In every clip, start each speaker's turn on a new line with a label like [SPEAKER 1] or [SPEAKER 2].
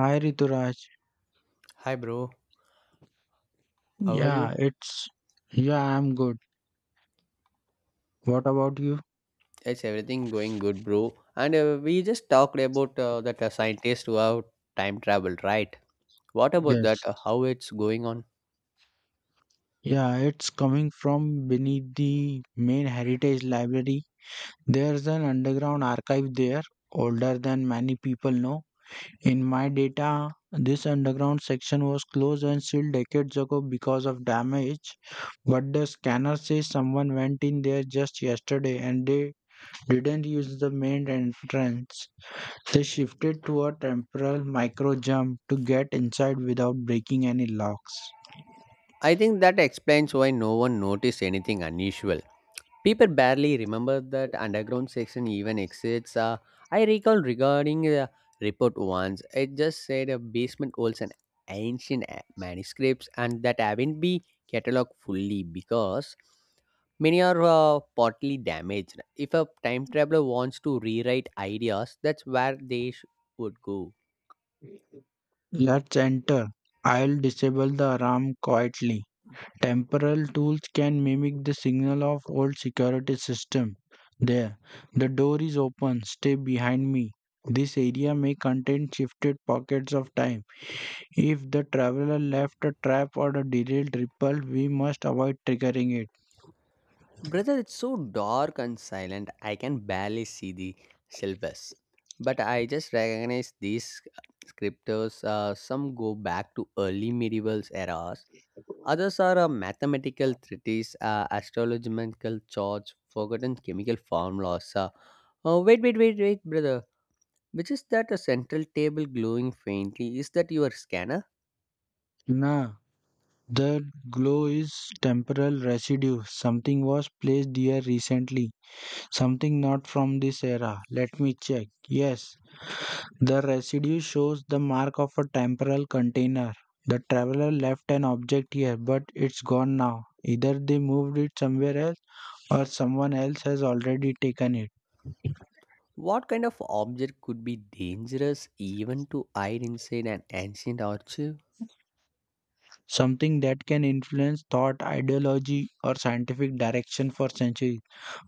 [SPEAKER 1] Hi Rituraj.
[SPEAKER 2] Hi, bro. How are you?
[SPEAKER 1] Yeah, it's yeah, I'm good. What about you?
[SPEAKER 2] It's everything going good, bro. And We just talked about that scientist who have time traveled, right? What about that?
[SPEAKER 1] Yes.
[SPEAKER 2] How it's going on?
[SPEAKER 1] Yeah, it's coming from beneath the main heritage library. There's an underground archive there, older than many people know. In my data, this underground section was closed and sealed decades ago because of damage. But the scanner says someone went in there just yesterday and they didn't use the main entrance. They shifted to a temporal micro jump to get inside without breaking any locks.
[SPEAKER 2] I think that explains why no one noticed anything unusual. People barely remember that underground section even exists. I recall regarding a report once. It just said a basement holds an ancient manuscripts and that haven't been catalogued fully because many are partly damaged. If a time traveler wants to rewrite ideas, that's where they would go.
[SPEAKER 1] Let's enter. I'll disable the alarm quietly. Temporal tools can mimic the signal of old security system. There, the door is open. Stay behind me. This area may contain shifted pockets of time. If the traveler left a trap or a derailed ripple, we must avoid triggering it.
[SPEAKER 2] Brother, it's so dark and silent. I can barely see the syllabus. But I just recognize these scriptures. Some go back to early medieval eras. Others are mathematical treatises, astrological charts, forgotten chemical formulas. Oh, wait, wait, wait, wait, brother. Which is that a central table glowing faintly? Is that your scanner?
[SPEAKER 1] Nah, the glow is temporal residue. Something was placed here recently. Something not from this era. Let me check. Yes, the residue shows the mark of a temporal container. The traveler left an object here, but it's gone now. Either they moved it somewhere else or someone else has already taken it.
[SPEAKER 2] What kind of object could be dangerous even to hide inside an ancient archive?
[SPEAKER 1] Something that can influence thought, ideology, or scientific direction for centuries.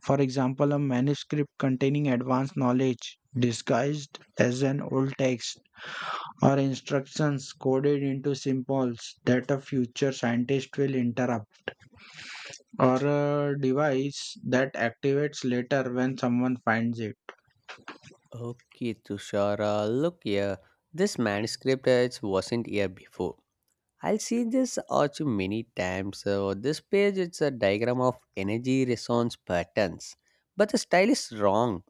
[SPEAKER 1] For example, a manuscript containing advanced knowledge disguised as an old text or instructions coded into symbols that a future scientist will interrupt, or a device that activates later when someone finds it.
[SPEAKER 2] Okay, Tushar. Look here. This manuscript it wasn't here before. I'll see this arch many times. So this page it's a diagram of energy resonance patterns. But the style is wrong.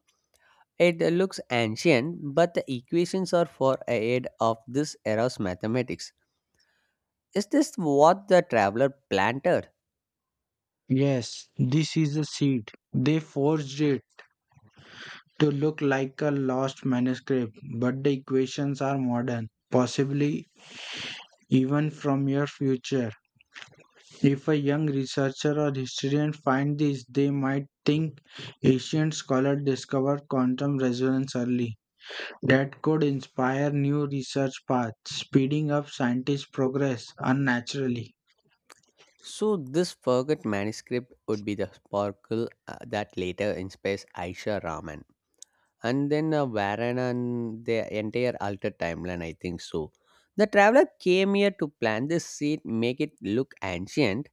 [SPEAKER 2] It looks ancient, but the equations are for ahead of this era's mathematics. Is this what the traveler planted?
[SPEAKER 1] Yes, this is a seed. They forged it to look like a lost manuscript, but the equations are modern, possibly even from your future. If a young researcher or historian find this, they might think ancient scholar discovered quantum resonance early. That could inspire new research paths, speeding up scientist progress unnaturally.
[SPEAKER 2] So this forgot manuscript would be the sparkle that later inspires Aisha Raman. And then Varana and the entire altered timeline, I think so. The traveler came here to plan this seat, make it look ancient,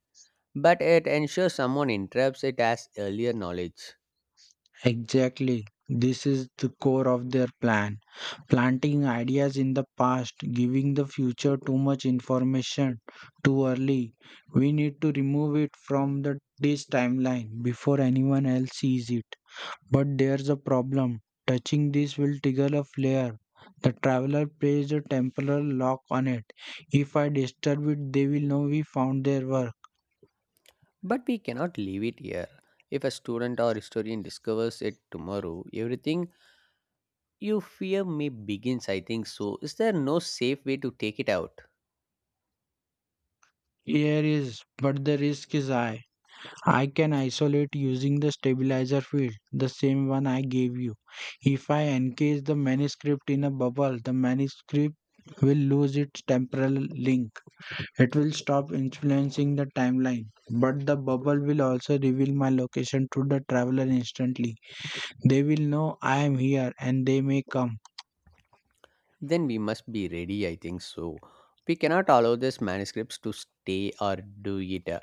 [SPEAKER 2] but it ensures someone interrupts it as earlier knowledge.
[SPEAKER 1] Exactly. This is the core of their plan. Planting ideas in the past, giving the future too much information too early. We need to remove it from the this timeline before anyone else sees it. But there's a problem. Touching this will trigger a flare. The traveler plays a temporal lock on it. If I disturb it, they will know we found their work.
[SPEAKER 2] But we cannot leave it here. If a student or historian discovers it tomorrow, everything you fear may begins, I think so. Is there no safe way to take it out?
[SPEAKER 1] Here is, but the risk is high. I can isolate using the stabilizer field, the same one I gave you. If I encase the manuscript in a bubble, the manuscript will lose its temporal link. It will stop influencing the timeline, but the bubble will also reveal my location to the traveler instantly. They will know I am here and they may come.
[SPEAKER 2] Then we must be ready, I think so. We cannot allow these manuscripts to stay or do it.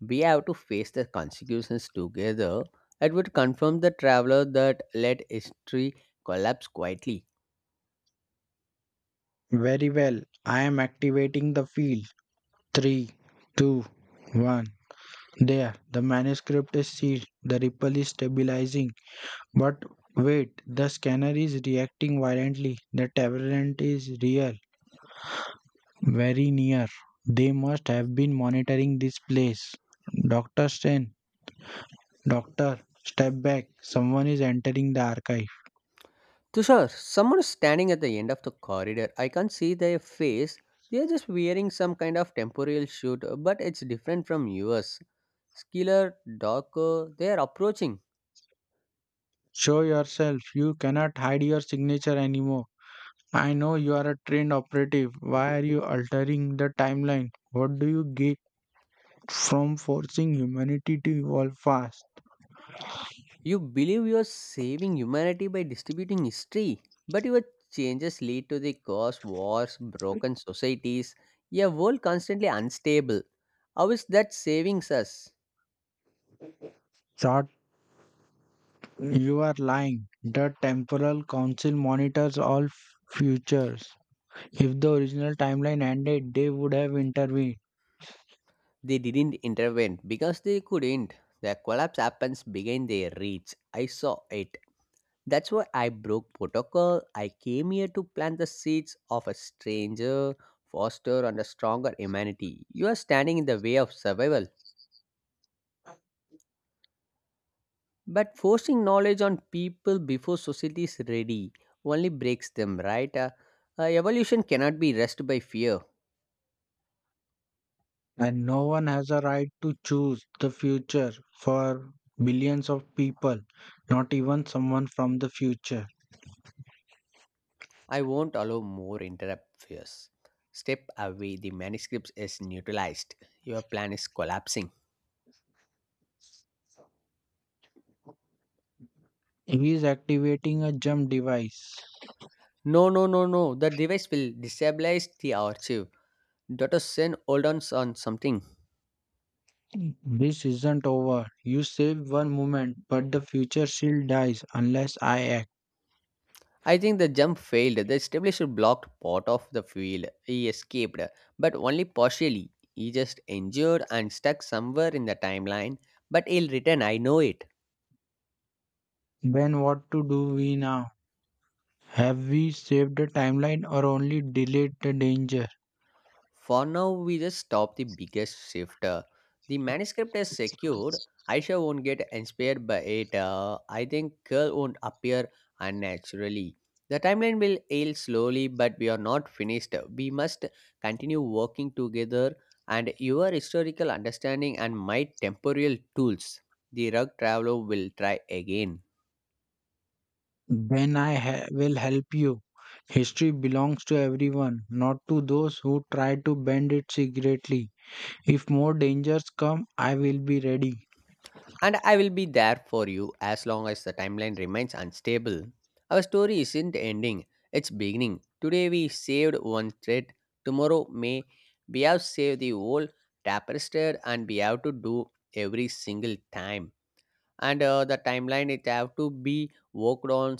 [SPEAKER 2] We have to face the consequences together. It would confirm the traveler that let history collapse quietly.
[SPEAKER 1] Very well, I am activating the field. Three, two, one. There, the manuscript is sealed, the ripple is stabilizing. But wait, the scanner is reacting violently. The tyrant is real, very near. They must have been monitoring this place. Dr. Stein, doctor, step back. Someone is entering the archive.
[SPEAKER 2] Tushar, someone is standing at the end of the corridor. I can't see their face. They are just wearing some kind of temporal suit, but it's different from yours. Skiller, darker, they are approaching.
[SPEAKER 1] Show yourself. You cannot hide your signature anymore. I know you are a trained operative. Why are you altering the timeline? What do you get from forcing humanity to evolve fast?
[SPEAKER 2] You believe you're saving humanity by distributing history, but your changes lead to the cause, wars, broken societies, a world constantly unstable. How is that saving us?
[SPEAKER 1] Short, you are lying. The temporal council monitors all futures. If the original timeline ended, they would have intervened.
[SPEAKER 2] They didn't intervene because they couldn't. The collapse happens behind their reach. I saw it. That's why I broke protocol. I came here to plant the seeds of a stranger, foster, and a stronger humanity. You are standing in the way of survival. But forcing knowledge on people before society is ready only breaks them, right? Evolution cannot be rushed by fear.
[SPEAKER 1] And no one has a right to choose the future for billions of people, not even someone from the future.
[SPEAKER 2] I won't allow more interrupt fears. Step away, the manuscript is neutralized. Your plan is collapsing.
[SPEAKER 1] He is activating a jump device.
[SPEAKER 2] No, no, no, no. The device will destabilize the archive. Dr. Sen, hold on something.
[SPEAKER 1] This isn't over. You save one moment, but the future still dies unless I act.
[SPEAKER 2] I think the jump failed. The establisher blocked part of the field. He escaped, but only partially. He just injured and stuck somewhere in the timeline, but he'll return, I know it.
[SPEAKER 1] Then what to do we now? Have we saved the timeline or only delayed the danger?
[SPEAKER 2] For now, we just stop the biggest shift. The manuscript is secured. Aisha won't get inspired by it. I think Curl won't appear unnaturally. The timeline will ail slowly, but we are not finished. We must continue working together, and your historical understanding and my temporal tools, the rug traveler will try again.
[SPEAKER 1] Then I will help you. History belongs to everyone, not to those who try to bend it secretly. If more dangers come, I will be ready.
[SPEAKER 2] And I will be there for you as long as the timeline remains unstable. Our story isn't ending, it's beginning. Today we saved one thread, tomorrow may we have saved the whole tapestry and we have to do every single time. And The timeline it have to be worked on